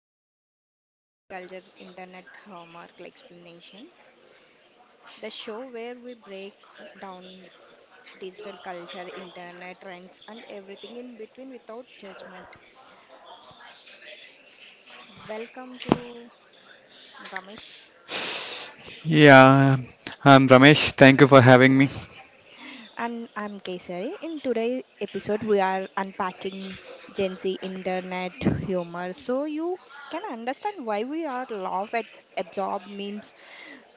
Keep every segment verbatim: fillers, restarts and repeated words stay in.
to Ge- Gen Z Culture Internet Homework Explanation, the show where we break down digital culture, internet trends, and everything in between without judgment. Welcome to Ramesh. Yeah, I'm Ramesh. Thank you for having me. And I'm Kesari. In today's episode, we are unpacking Gen Z internet humor so you can understand why we are laugh at absorb memes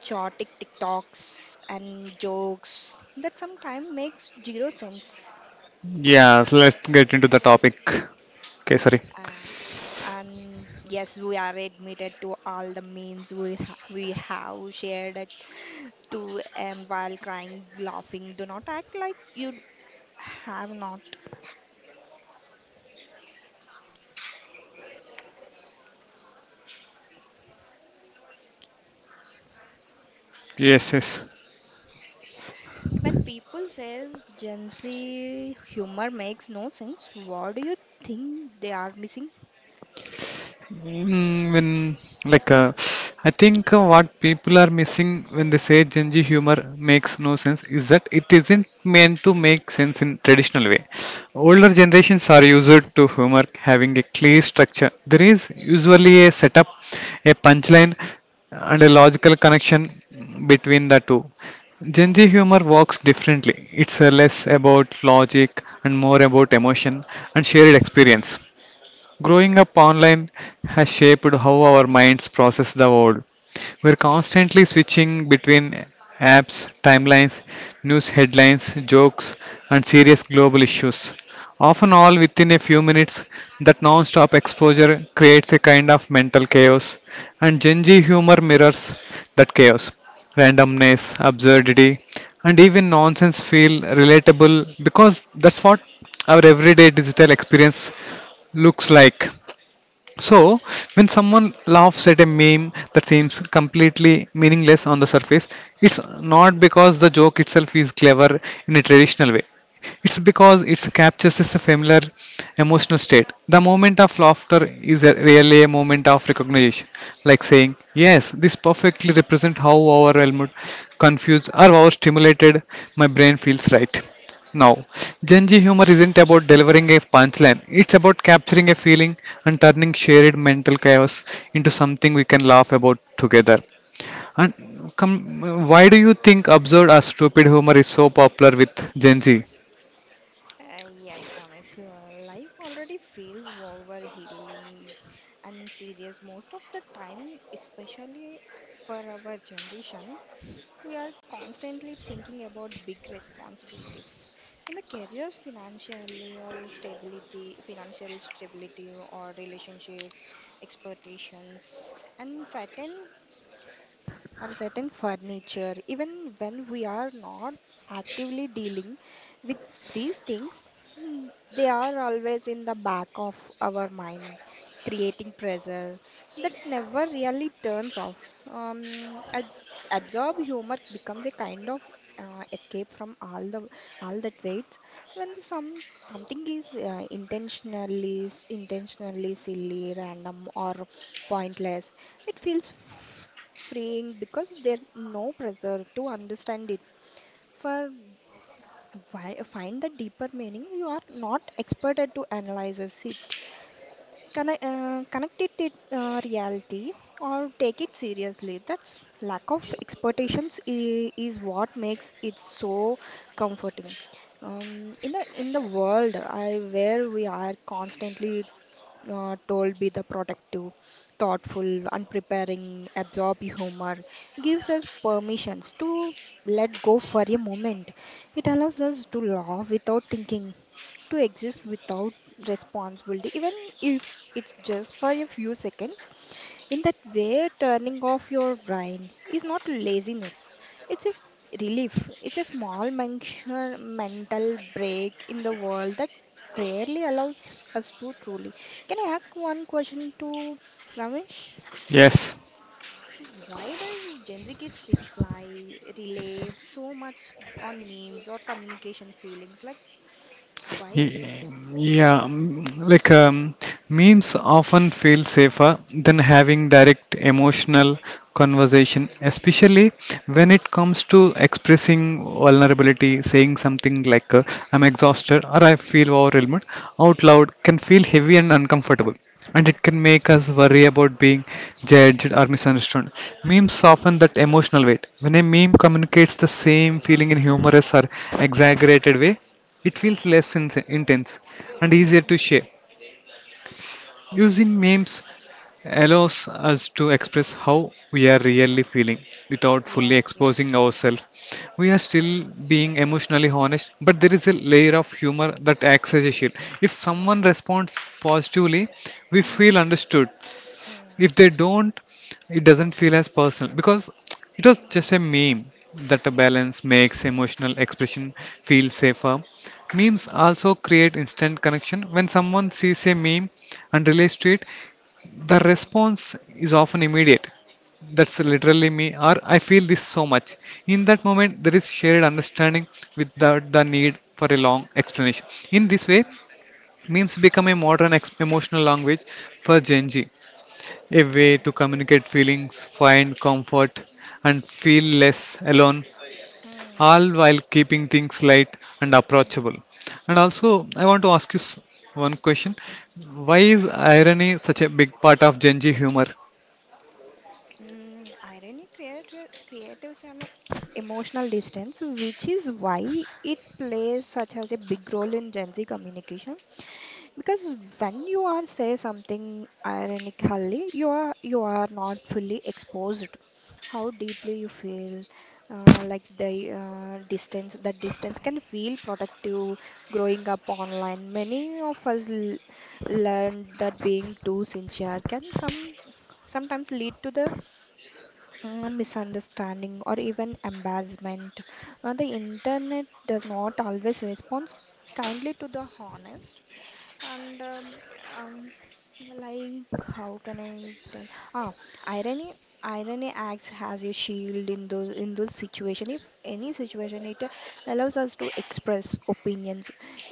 chaotic TikToks and jokes that sometimes makes zero sense. Yeah, so let's get into the topic. Okay, sorry. Uh, and yes, we are admitted to all the memes we ha- we have shared at two a m while crying, laughing. Do not act like you have not. Yes, yes. When people says Gen Z humor makes no sense, what do you think they are missing? Mm, when like uh, I think uh, what people are missing when they say Gen Z humor makes no sense is that it isn't meant to make sense in traditional way. Older generations are used to humor having a clear structure. There is usually a setup, a punchline, and a logical connection between the two. Gen Z humor works differently. It's uh, less about logic and more about emotion and shared experience. Growing up online has shaped how our minds process the world. We're constantly switching between apps, timelines, news headlines, jokes, and serious global issues. Often, all within a few minutes, that non stop exposure creates a kind of mental chaos, and Gen Z humor mirrors that chaos. Randomness, absurdity, and even nonsense feel relatable because that's what our everyday digital experience looks like. So, when someone laughs at a meme that seems completely meaningless on the surface, it's not because the joke itself is clever in a traditional way. It's because it captures a familiar emotional state. The moment of laughter is a, really a moment of recognition, like saying, "Yes, this perfectly represents how overwhelmed, confused, or overstimulated my brain feels." Right. Now, Gen Z humor isn't about delivering a punchline, it's about capturing a feeling and turning shared mental chaos into something we can laugh about together. And come, why do you think absurd or stupid humor is so popular with Gen Z? Uh, yes, Ramesh, l- life already feels overhealing and serious most of the time, especially for our generation. We are constantly thinking about big responsibilities in the careers, financially, or stability, financial stability, or relationship expectations, and certain and certain furniture. Even when we are not actively dealing with these things, mm, they are always in the back of our mind, creating pressure that never really turns off. Um, ad- absorb humor becomes a kind of uh, escape from all the all that weight when some something is uh, intentionally s- intentionally silly random or pointless it feels f- freeing because there's no pressure to understand it for why, find the deeper meaning you are not expected to analyze it connect, uh, connect it to uh, reality or take it seriously. That's lack of expectations i- is what makes it so comforting. Um, in the in the world I, where we are constantly uh, told be the productive, thoughtful, unpreparing, absorb humor, gives us permissions to let go for a moment. It allows us to laugh without thinking, to exist without responsibility, even if it's just for a few seconds. In that way, turning off your brain is not laziness, it's a relief. It's a small mention, mental break in the world that rarely allows us to truly. Can I ask one question to Ramesh? Yes, Why does Gen Z kids reply, relay so much on memes or communication feelings? Like, why? Ye- Yeah, mm, like um, memes often feel safer than having direct emotional conversation, especially when it comes to expressing vulnerability, saying something like uh, "I'm exhausted" or "I feel overwhelmed" out loud can feel heavy and uncomfortable, and it can make us worry about being judged or misunderstood. Memes soften that emotional weight. When a meme communicates the same feeling in humorous or exaggerated way, it feels less in- intense and easier to share. Hmm. Using memes allows us to express how we are really feeling without fully Yes, exposing yes, ourselves. We are still being emotionally honest, but there is a layer of humor that acts as a shield. If someone yes. responds positively, we Mm. feel understood. Mm. If they don't, it doesn't feel as personal because it was Mm. just a meme. That a balance Yes. makes emotional expression feel safer. Memes Hmm. also create instant connection. When someone sees a meme and relates to it, the Hmm. response is often immediate: that's literally me, or Yes. I feel this so much. In that Hmm. moment there is shared understanding without the need for a long explanation. In this way, memes become a modern ex- emotional language for Gen Z, a way Hmm. to communicate feelings, find comfort, and feel less alone, Hmm. all while keeping things light and Hmm. approachable. And also, I want to ask you s- one question. Why is irony such a big part of Gen Z humor? Mm, irony creati- creatives an emotional distance, which is why it plays such as a big role in Gen Z communication. Because when you are say something ironically, you are you are not fully exposed. How deeply you feel, uh, like the uh, distance. That distance can feel protective. Growing up online, many of us l- learned that being too sincere can some sometimes lead to the uh, misunderstanding or even embarrassment. Uh, the internet does not always respond kindly to the honest and um, um, like how can I tell? Ah, irony. Irony acts as a shield in those in those situation. If any situation, it allows us to express opinions.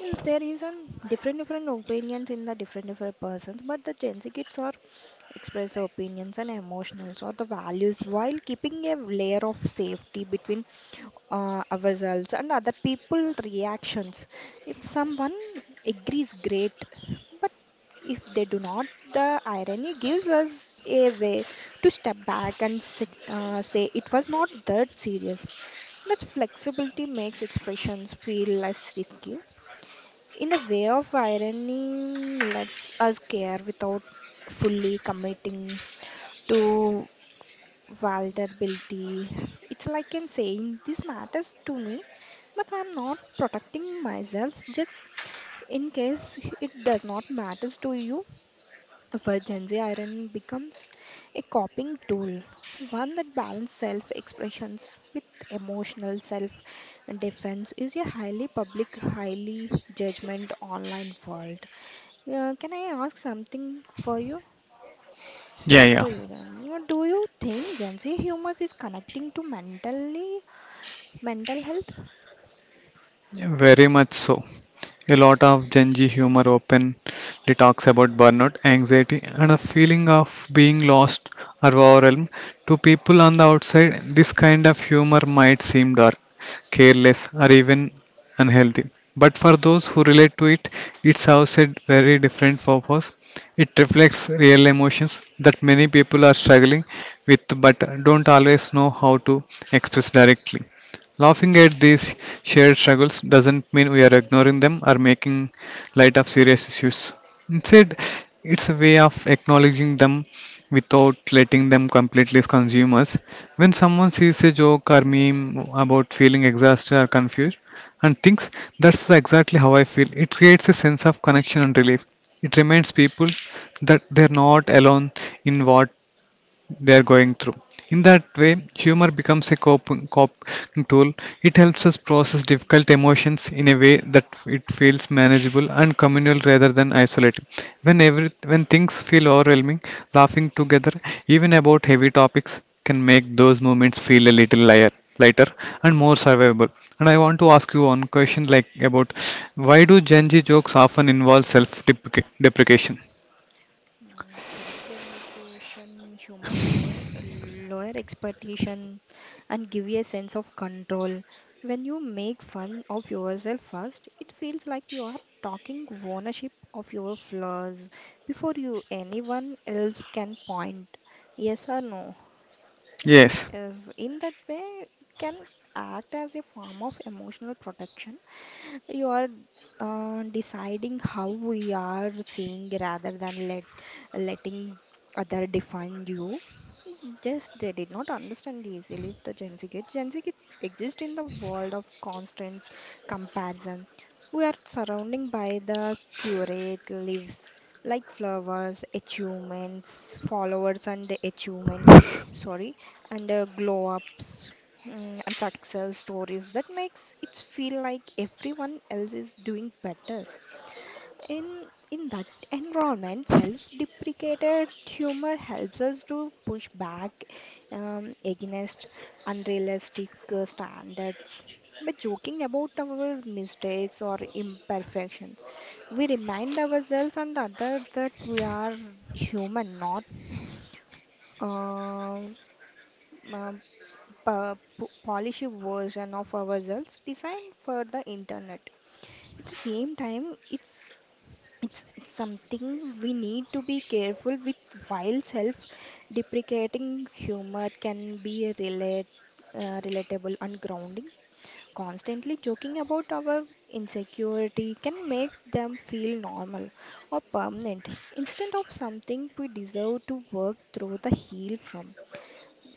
Is- There is an different different opinions in the different different persons, but the Gen Z kids are express opinions and emotions or the values while keeping a layer of safety between uh, ourselves and other people reactions if someone agrees, great. But if they do not, the irony gives us a way to step back and sit, uh, say it was not that serious. That flexibility makes expressions feel less risky. In a way of irony, lets us care without fully committing to vulnerability. It's like in saying this matters to me, but I'm not protecting myself, just in case it does not matter to you, for Gen Z, iron becomes a coping tool, one that balances self expressions with emotional self defense is a highly public, highly judgment online world. Uh, can I ask something for you? I Yeah, think yeah. so, you can. Uh, Do you think Gen Z humor is connecting to mentally mental health? Yeah, very much so. A lot of Gen Z humor openly talks about burnout, anxiety, and a feeling of being lost or overwhelmed. To people on the outside, this kind of humor might seem dark, careless, or even unhealthy. But for those who relate to it, it serves a very different purpose. It reflects real emotions that many people are struggling with but don't always know how to express directly. Laughing at these shared struggles doesn't mean we are ignoring them or making light of serious issues. Instead, it's a way of acknowledging them without letting them completely consume us. When someone sees a joke or meme about feeling exhausted or confused and thinks that's exactly how I feel, it creates a sense of connection and relief. It reminds people that they're not alone in what they are going through. In that way, humor becomes a coping, coping tool. It helps us process difficult emotions in a way that it feels manageable and communal rather than isolated. When every, when things feel overwhelming, laughing together, even about heavy topics, can make those moments feel a little lighter, lighter and more survivable. And I want to ask you one question, like about why do Gen Z jokes often involve self-deprecation? Mm, self deprecation humor, lower, lower expectation, and give you a sense of control. When you make fun of yourself first, it feels like you are talking ownership of your flaws before you anyone else can point. Yes or no? Yes. Is in that way it can act as a form of emotional protection you are uh, deciding how we are seeing rather than let letting other define you. Yes, they did not understand easily the Gen Z kids. Gen Z kids exist in the world of constant comparison. We are surrounded by the curate lives like flowers, achievements, followers and the achievements, sorry, and the glow ups mm, and success stories that makes it feel like everyone else is doing better. In in that environment, self-deprecated humor helps us to push back um, against unrealistic uh, standards. By joking about our mistakes or imperfections, we remind ourselves and others that we are human, not um, um, po- po- polished version of ourselves designed for the internet. At the same time, it's It's, it's something we need to be careful with while self deprecating humor can be relate, uh, relatable and grounding. Constantly joking about our insecurity can make them feel normal or permanent instead of something we deserve to work through the heal from.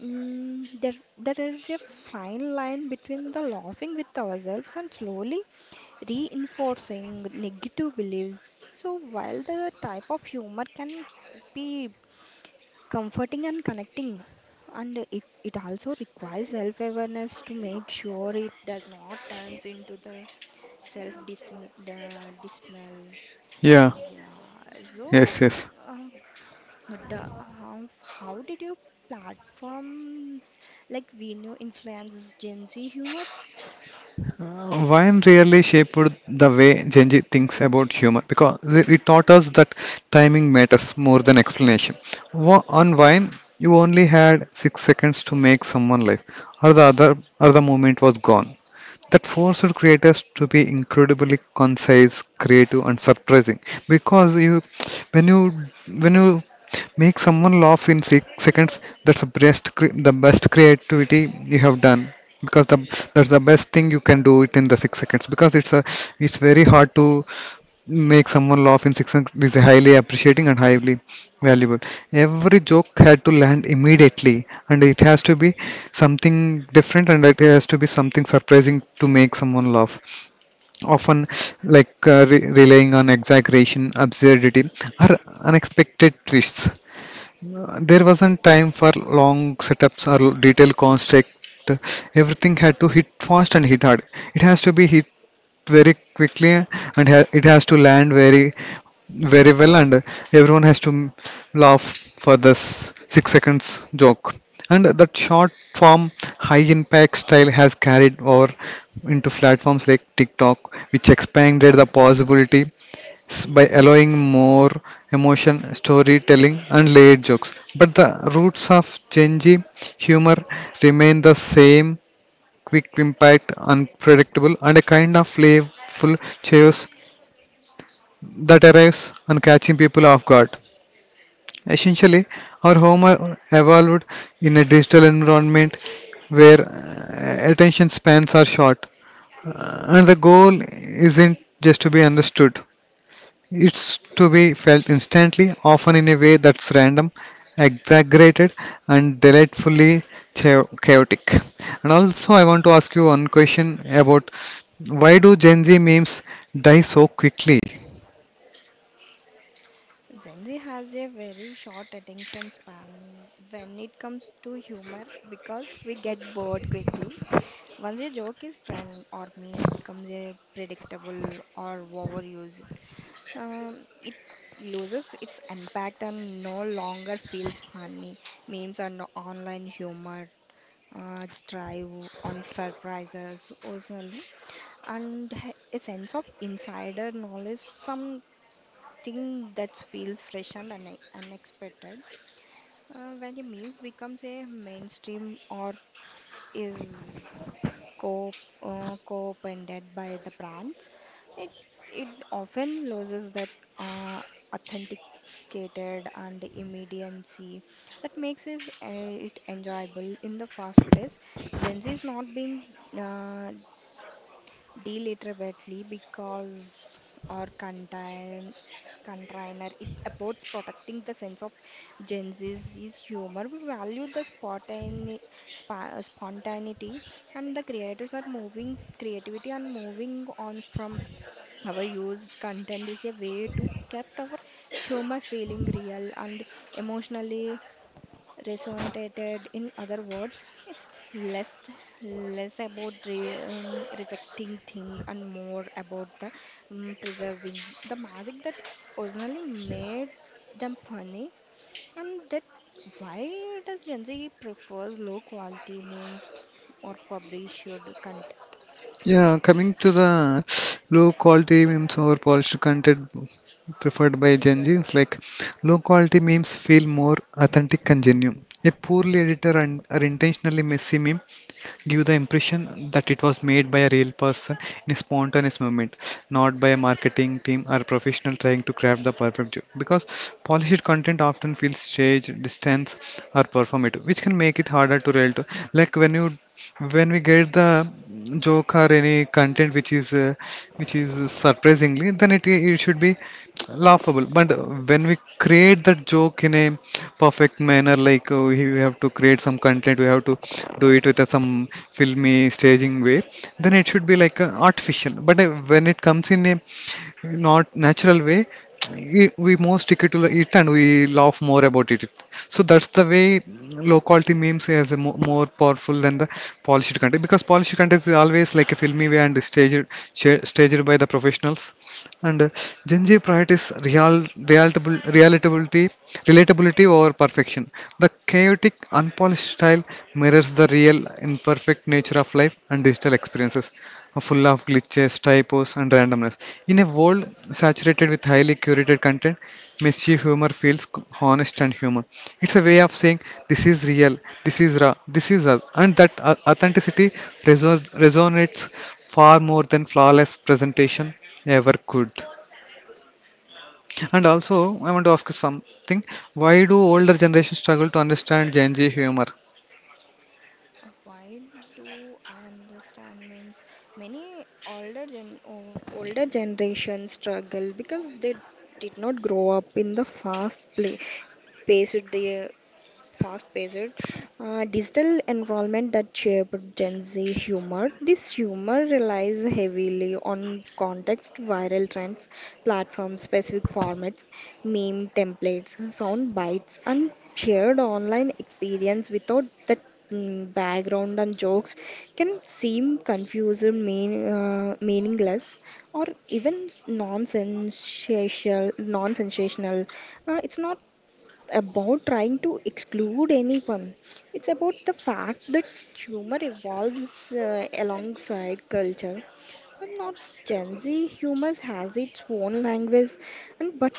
Mm, there, there is a fine line between the laughing with ourselves and slowly reinforcing negative beliefs. So, while the type of humor can be comforting and connecting, and it, it also requires self awareness to make sure it does not turns into the self dismal. Yeah. Yeah, so Yes. Yes. uh, the, uh, how did your platforms like Vimeo influences Gen Z humor? Wine really shaped the way Genji thinks about humor because it taught us that timing matters more than explanation. Wa- On wine, you only had six seconds to make someone laugh, or the other, or the moment was gone. That forced creators to be incredibly concise, creative, and surprising. Because you, when you, when you make someone laugh in six seconds, that's the best, cre- the best creativity you have done. Because the, that's the best thing you can do it in the six seconds. Because it's a, it's very hard to make someone laugh in six seconds. It's highly appreciating and highly valuable. Every joke had to land immediately, and it has to be something different, and it has to be something surprising to make someone laugh. Often, like uh, re- relying on exaggeration, absurdity, or unexpected twists. Uh, There wasn't time for long setups or detailed construct. Everything had to hit fast and hit hard. It has to be hit very quickly, and ha- it has to land very very well, and everyone has to m- laugh for this six seconds joke. And that short form high impact style has carried over into platforms like TikTok, which expanded the possibility s- by allowing more emotion storytelling and layered jokes. But the roots of Gen Z humor remain the same: quick impact, unpredictable, and a kind of playful chaos that arrives and catching people off guard. Essentially, our home are evolved in a digital environment where uh, attention spans are short. Uh, and the goal isn't just to be understood, it's to be felt instantly, often in a way that's random, exaggerated, and delightfully cha- chaotic. And also, I want to ask you one question about why do Gen Z memes die so quickly? Gen Z has a very short attention span when it comes to humor because we get bored quickly. Once a joke is trend or memes becomes a predictable or overused, um, it loses its impact and no longer feels funny. Memes and online humor uh, thrive on surprises, personally, and h- a sense of insider knowledge. Some think that feels fresh and une- unexpected. Uh, when the memes becomes a mainstream or is co uh, co-opended by the brands, it it often loses that uh, authenticated and immediacy that makes it, uh, it enjoyable in the first place. Gen Z is not being uh, deliberately because or contain container it about protecting the sense of Gen Z's is humor. We value the spontane, spa, spontaneity and the creators are moving creativity and moving on from our used content is a way to kept our humor feeling real and emotionally resonated in other words it's less less about re, um, rejecting things and more about the um, preserving the magic that originally made them funny. And that why does Gen Z prefers low quality memes or published content? Yeah, coming to the low quality memes or polished content preferred by Gen Z, it's like low quality memes feel more authentic and genuine. A poorly edited and or intentionally messy meme give the impression that it was made by a real person in a spontaneous moment, not by a marketing team or professional trying to craft the perfect joke. Because polished content often feels staged, distance, or performative, which can make it harder to relate to. Like when you when we get the joke or any content which is uh, which is surprisingly, then it it should be laughable. But when we create that joke in a perfect manner, like uh, we have to create some content, we have to do it with a, some filmy staging way, then it should be like uh, artificial. But uh, when it comes in a not natural way, we we more stick it to the it and we laugh more about it. So that's the way low quality memes is mo- more powerful than the polished content, because polished content is always like a filmy way and staged sha- staged by the professionals. And uh, Gen Z priorities real realitable relatability relatability over perfection. The chaotic unpolished style mirrors the real imperfect nature of life and digital experiences full of glitches, typos, and randomness. In a world saturated with highly curated content, mischief humor feels c- honest and human. It's a way of saying this is real, this is raw, this is us, and that au- authenticity reso- resonates far more than flawless presentation ever could. And also, I want to ask you something. Why do older generations struggle to understand Gen Z humor? Uh, Why do I understand means many older gen o- older generation struggle because they did not grow up in the fast play paced day, fast-paced uh, digital environment that shaped Gen Z humor. This humor relies heavily on context, viral trends, platform-specific formats, meme templates, sound bites, and shared online experience without the mm, background and jokes can seem confusing, mean, uh, meaningless, or even non-sensational. Non-sensational. Uh, it's not about trying to exclude anyone. It's about the fact that humor evolves uh, alongside culture. And not Gen Z humor has its own language, and but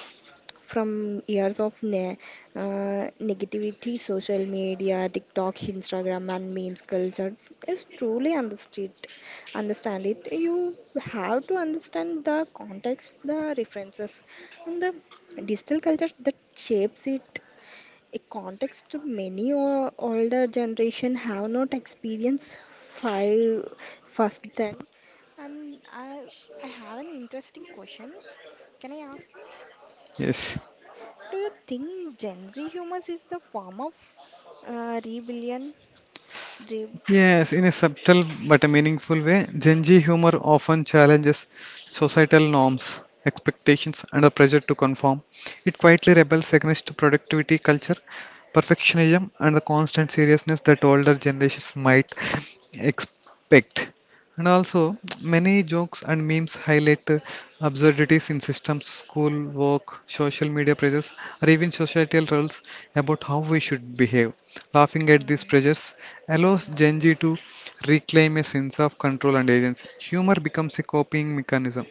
from years of ne- uh, negativity, social media, TikTok, Instagram, and memes culture is truly understood. Understand it. You have to understand the context, the references, and the digital culture that shapes it a context many o- older generation have not experienced five first then and i i have an interesting question. Can I ask you Yes. do you think Gen Z humor is the form of uh, rebellion re- Yes, in a subtle but a meaningful way, Gen Z humor often challenges societal norms, expectations, and the pressure to conform. It quietly rebels against productivity culture, perfectionism, and the constant seriousness that older generations might expect. And also, many jokes and memes highlight uh, absurdities in systems, school, work, social media pressures, or even societal rules about how we should behave. Laughing at these hmm? pressures Hmm, allows hmm, Gen Z to reclaim a sense of control and agency. Humor becomes a coping mechanism,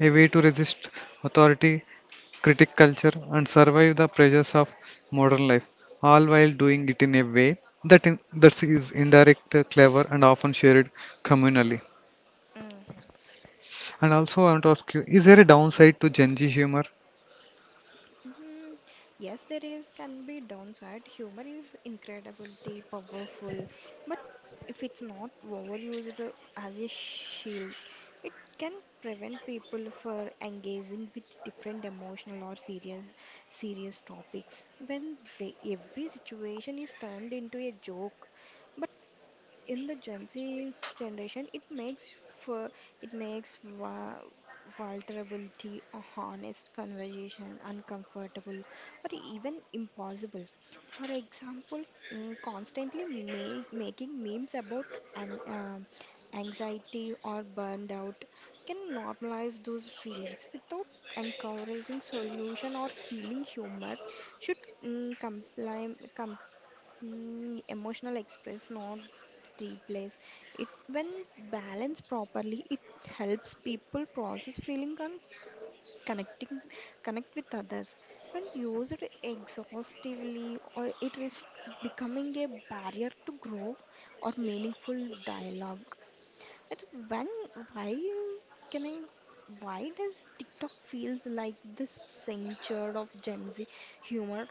a way to resist authority, critic culture, and survive the pressures of modern life, all while doing it in a way that, in, that is indirect, clever, and often shared communally. mm. And also, I want to ask you, is there a downside to Gen Z humor? Hmm. Yes, there is can be downside. Humor is incredibly powerful, but if it's not overused uh, as a shield, it can prevent people for engaging with different emotional or serious serious topics. When ve- every situation is turned into a joke, but in the Gen Z generation, it makes for it makes va vulnerability, a honest conversation uncomfortable or even impossible. For example, mm, constantly ma making memes about an um anxiety or burned out can normalize those feelings without encouraging solution or healing humor should mm, comply, com Mm, emotional express, not replace. It when balanced properly, it helps people process feeling and connecting connect with others. When used exhaustively, or it risks becoming a barrier to grow or meaningful dialogue. It's when why can I why does TikTok feels like this sanctuary of Gen Z humor?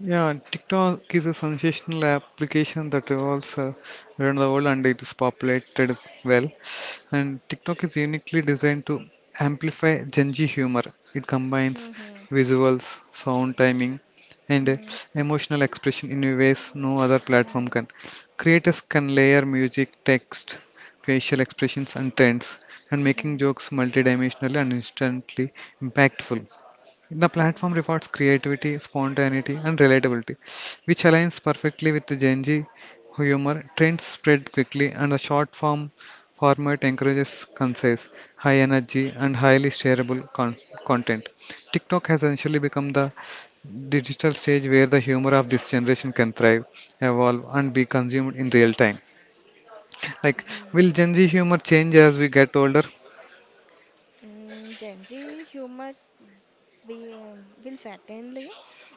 Yeah, and TikTok is a sensational application that revolves uh, around the world and it is populated well. And TikTok is uniquely designed to amplify Gen Z humor. It combines Hmm. visuals, sound timing, and uh, Mm. emotional expression in ways no other platform Hmm. can. Creators can layer music, text, facial expressions, and trends, and making Mm. jokes multidimensionally and instantly impactful. The platform Mhm. rewards creativity, spontaneity, and relatability, which aligns perfectly with the Gen Z humor. Trends spread quickly, and the short form format encourages concise, high energy, and highly shareable con- content. TikTok has essentially become the digital stage where the humor of this generation can thrive, evolve, and be consumed in real time. Like, Mhm. will Gen Z humor change as we get older? Mm, Gen Z humor we, um, will certainly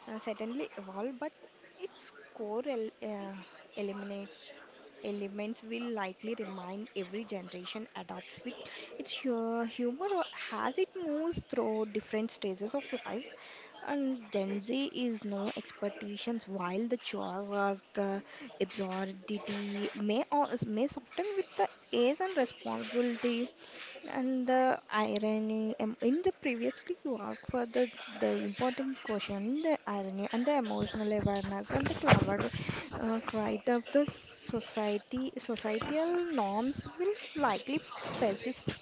uh, certainly evolve, but its core el uh, elements will likely remain. Every generation adopts with its hu- humor or- as it moves through different stages of life. And Gen Z is no expectations while the chores or the absurdity may, or may soften with the age and responsibility. And the irony em- in the previously you asked for the the important question, the irony and the emotional awareness and the clever uh, cried of the society societal norms will likely persist.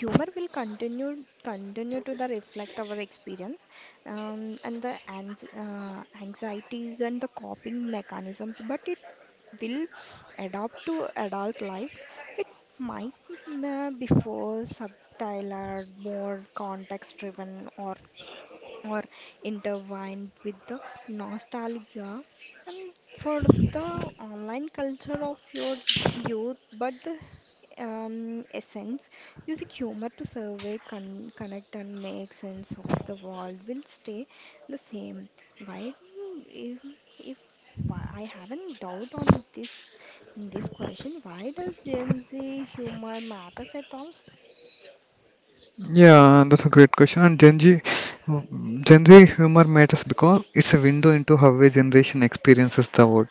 Humor will continue continue to the reflect our experience, um, and the ans- uh, anxieties and the coping mechanisms, but it will adapt to adult life. It might mm, uh, be before subtler, more context driven, or or intertwined with the nostalgia and for the online culture of your youth. But the um, essence, using humor to survey con- connect and make sense of the world, will stay the same, right? If, if why I haven't doubt on this this question, why does Gen Z humor matters at Yeah, that's a great question. And Gen Z, Gen Z humor matters because it's a window into how a generation experiences the world.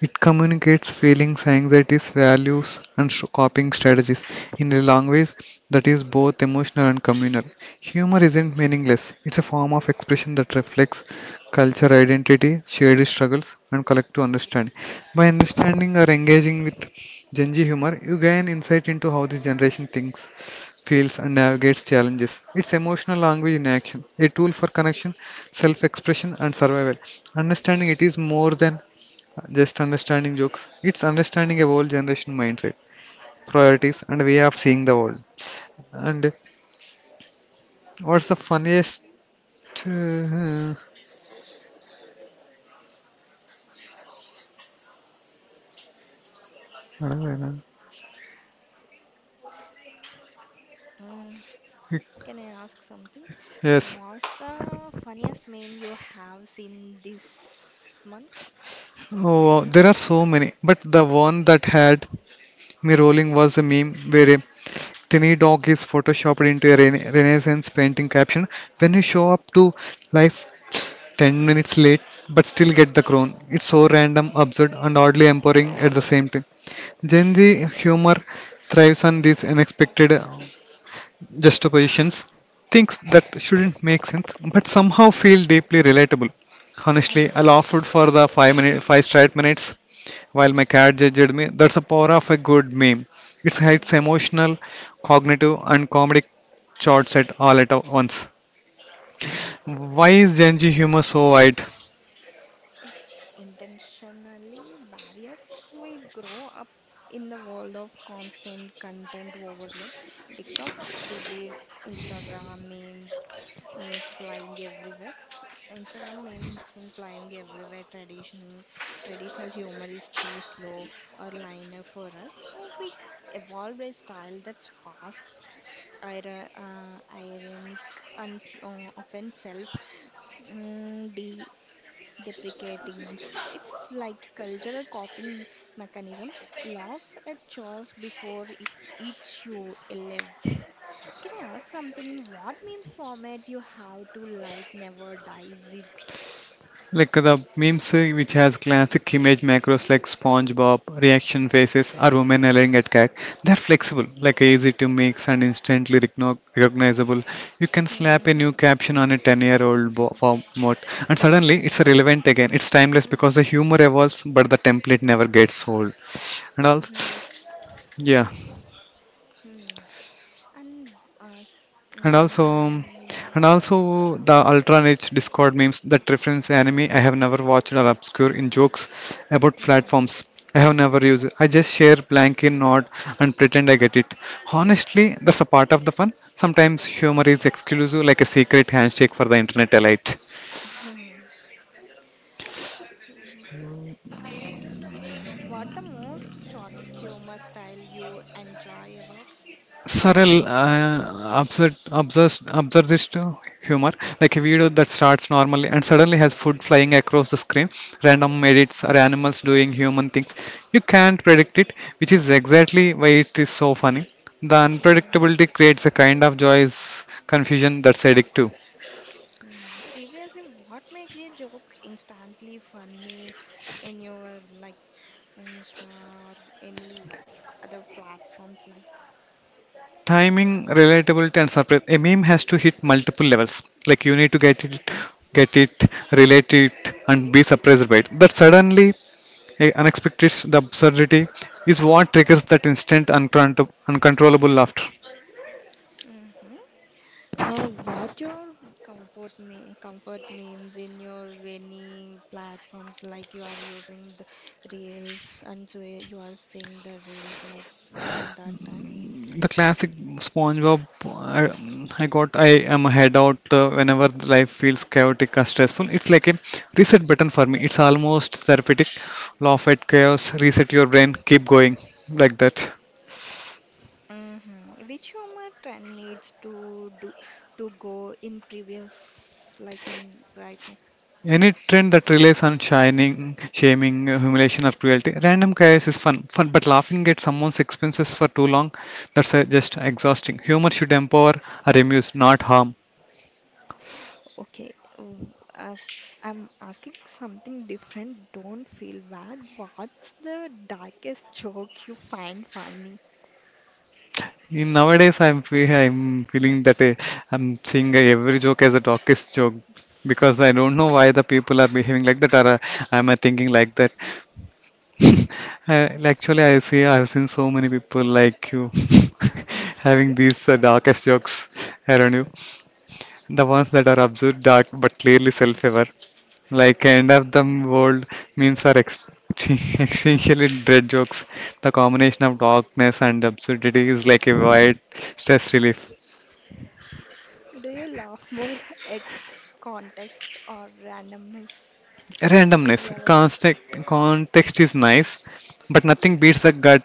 It communicates feelings, anxieties, values, and sh- coping strategies in a language that is both emotional and communal. Humor isn't meaningless, it's a form of expression that reflects culture, identity, shared struggles, and collective understanding. By understanding or engaging with Gen Z humor, you gain insight into how this generation thinks, feels, and navigates challenges. It's emotional language in action, a tool for connection, self expression, and survival. Understanding it is more than just understanding jokes. It's understanding a whole generation mindset, priorities, and way of seeing the world. And what's the funniest? uh, all? Can I ask something? yes. What's the funniest meme you have seen this month? Oh, wow, there are so many. But the one that had me rolling was a meme where a tiny dog is photoshopped into a rena- Renaissance painting caption. When you show up to life ten minutes late, but still get the crown. It's so random, absurd, and oddly empowering at the same time. Gen Z humor thrives on these unexpected uh, juxtapositions, things that shouldn't make sense but somehow feel deeply relatable. Honestly, I Hmm. laughed for the five minute, five straight minutes while my cat judged me. That's the power of a good meme. It it's Hmm. emotional, cognitive, and comedic charts at all at once. Why is Gen Z humor so wide? It's intentionally barrier. We grow up in the world of constant content overload. TikTok, rebate, Instagram memes, memes flying everywhere. Instagram memes and flying everywhere. Tradition, traditional humor is too slow or linear for us. So we evolved a style that's fast, ir- uh, ironic, and s- uh, often self mm, de deprecating. It's like cultural coping mechanism. Laugh at chores before it eats you alive. Can I ask something? What memes format you have to like never dies? It? Like the memes uh, which has classic image macros like SpongeBob, reaction faces, or women yelling at cat. They're flexible, like easy to mix and instantly recogno- recognizable. You can Hmm. slap a new caption on a ten-year-old bo- format, and suddenly it's relevant again. It's timeless because the humor evolves, but the template never gets old. And also, Hmm, yeah. hmm. And uh, And also, mm, and also the ultra niche Discord memes that reference anime I have never watched are obscure in jokes about mm. platforms I have never used. I just share blank in nod and pretend I get it. Honestly, that's a part of the fun. Sometimes humor is exclusive, like a secret handshake for the internet elite. What the most chaotic humor style you enjoy about? Surreal, uh, absurd, absurd, absurdist humor, like a video that starts normally and suddenly has food flying across the screen, random edits, or animals doing human things. You can't predict it, which is exactly why it is so funny. The Hmm. unpredictability creates a kind of joyous confusion that's addictive. Hmm, previously, what makes a joke instantly funny in your, like, Insta or any other platforms, like? Timing, relatability, and surprise. A meme has to hit multiple levels. Like you need to get it, get it, relate it, and be surprised by it. That suddenly a unexpected the absurdity is what triggers that instant uncontrol- uncontrollable laughter. Mm-hmm. Uh, what your comfort me comfort memes in your any platforms, like you are using the reels and so you are seeing the reels like in that time? The classic SpongeBob, I, I got I am a head out uh, whenever life feels chaotic or stressful. It's like a reset button for me. It's almost therapeutic. Laugh at chaos, reset your brain, keep going like that. Mm-hmm. Which humor trend needs to do to go in previous, like in right now? Any trend that relies on shining, shaming, humiliation, or cruelty, random chaos is fun. Fun, but laughing at someone's expenses for too long, that's uh, just exhausting. Humor should empower or amuse, not harm. Okay, w- uh, I'm asking something different. Don't feel bad. What's the darkest joke you find funny? In nowadays, I'm fe- I'm feeling that uh, I'm seeing uh, every joke as a darkest joke because I don't know why the people are behaving like that or uh, am I thinking like that. Uh, like, actually, I see I've seen so many people like you having these uh, darkest jokes around you. The ones that are absurd dark but clearly self-aware, like end of the world memes are ex- essentially dread jokes. The combination of darkness and absurdity is like a wide stress relief. Do you laugh more at context or randomness? If Randomness, you ever. context, context is nice, but nothing beats the gut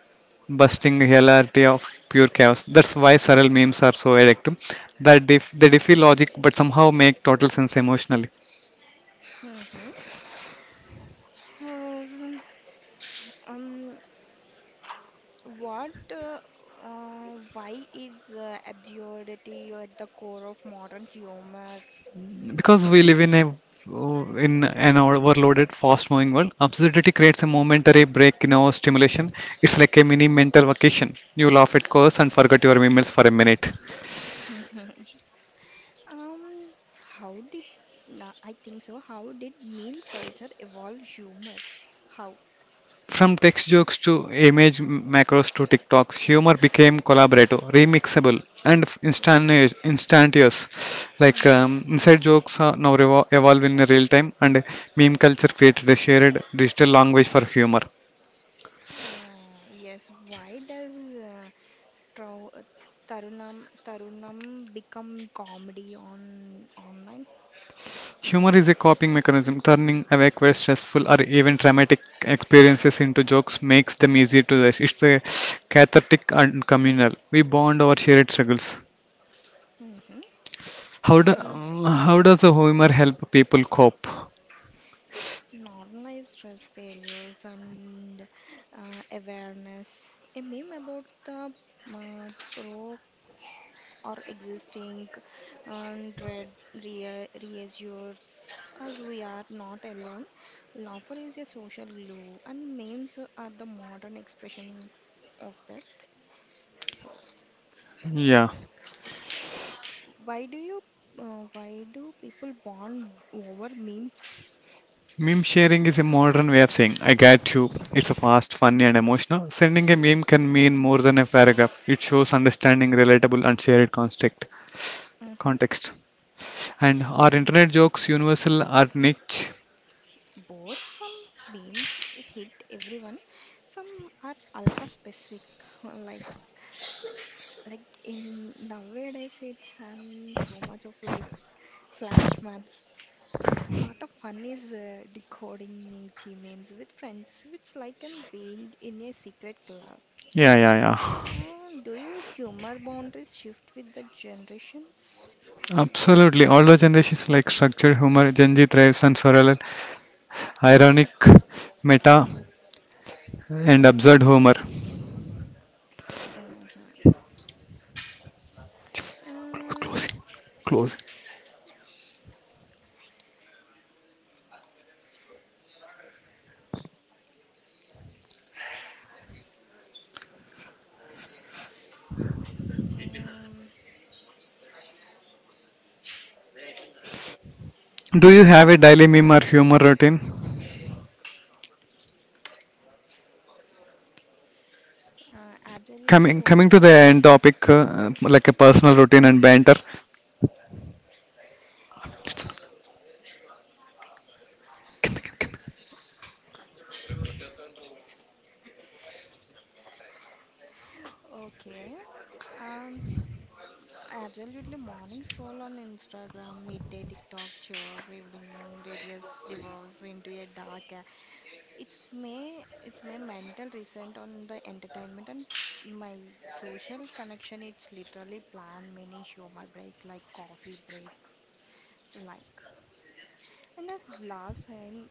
busting hilarity of pure chaos. That's why surreal memes are so addictive. That they, they defy logic but somehow make total sense emotionally. Mm-hmm. Or, um, what, uh, uh, why is uh, absurdity at the core of modern humor? Because we live in a in an overloaded fast moving world, absurdity creates a momentary break in our stimulation. It's like a mini mental vacation. You laugh at curse and forget your emails for a minute. Um, how did na I think so. How did meme culture evolve humor? How? From text jokes to image macros to tiktoks, humor became collaborative, remixable, and Yes. instantaneous instantaneous. Like Mhm. um, inside jokes are now revo- evolve in real time, and meme culture created a shared digital language for humor. Uh, yes. Why does uh, trau uh, Tarunam Tarunam become comedy on online? Humor is a coping mechanism. Turning away quite stressful or even traumatic experiences into jokes makes them easier to digest. It's a cathartic and communal. We bond over shared struggles. Mm-hmm. How do, Um, how does the okay. humor help people cope? It's normalized stress failures and uh, awareness. A meme about the uh, or existing and dread rea- reassures us we are not alone. Laughter is a social glue, and memes are the modern expression of that. So, Yeah. why do you, uh, why do people bond over memes? Meme sharing is a modern way of saying, I get you. It's a fast, funny, and emotional. Sending a meme can mean more than a paragraph. It shows understanding, relatable, and shared context. Mm-hmm. context. And are Mm, internet jokes universal or niche? both. Some memes hit everyone. Some are ultra specific, like like in nowadays it's and so much of like flash man. Part of fun is uh, decoding niche memes with friends. It's like an being in a secret club. Yeah, yeah, yeah. And do you humor boundaries shift with the generations? Absolutely. Older generations like structured humor, Gen Z thrives on surreal, ironic, meta, Mm, mm, and absurd mhm. humor. Mm, Closing. Closing. mm, Do you have a daily meme or humor routine? uh, absolutely Coming coming to older. the end topic, uh, like a personal routine and banter. Okay. Um, Absolutely morning scroll on Instagram, midday TikTok chores, evening radius devolves into a dark. It's may it's my mental reset on the entertainment and my social connection. It's literally plan mini humor breaks like coffee breaks, like. And that last time,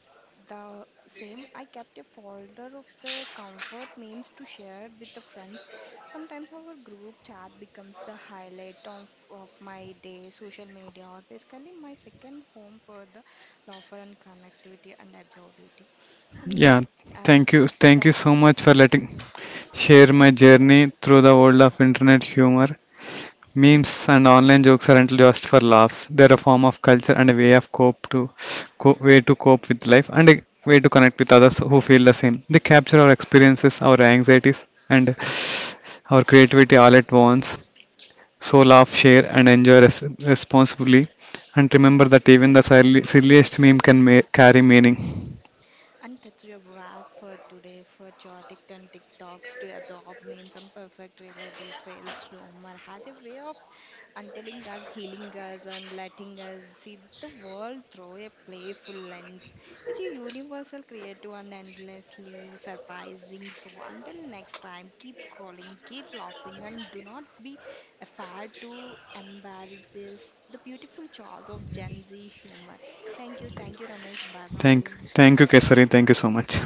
the same, I kept a folder of the comfort memes to share with the friends. Sometimes our group chat becomes the highlight of, of my day. Social media, or basically my second home for the laughter and connectivity and absorbability. Um, Yeah, and thank you, thank you thank so you. much for letting share my journey through the world of internet humor. Memes and online jokes aren't just for laughs. They're a form of culture and a way of cope to co- way to cope with life and a way to connect with others who feel the same. They capture our experiences, our anxieties, and our creativity all at once. So laugh, share, and enjoy res- responsibly. And remember that even the silly- silliest meme can ma- carry meaning. And that's your wrap for today for chaotic and TikToks to absorb memes and perfect reliable fails. Humor has a way of untelling us, healing us, and letting us see the world through a playful lens. It's a universal, creative, and endlessly surprising. So until next time, keep scrolling, keep laughing, and do not be afraid to embrace the beautiful chores of Gen Z humor. Thank you, thank you, Ramesh. Bye Thank, bye. Thank you, Kesari. Thank you so much.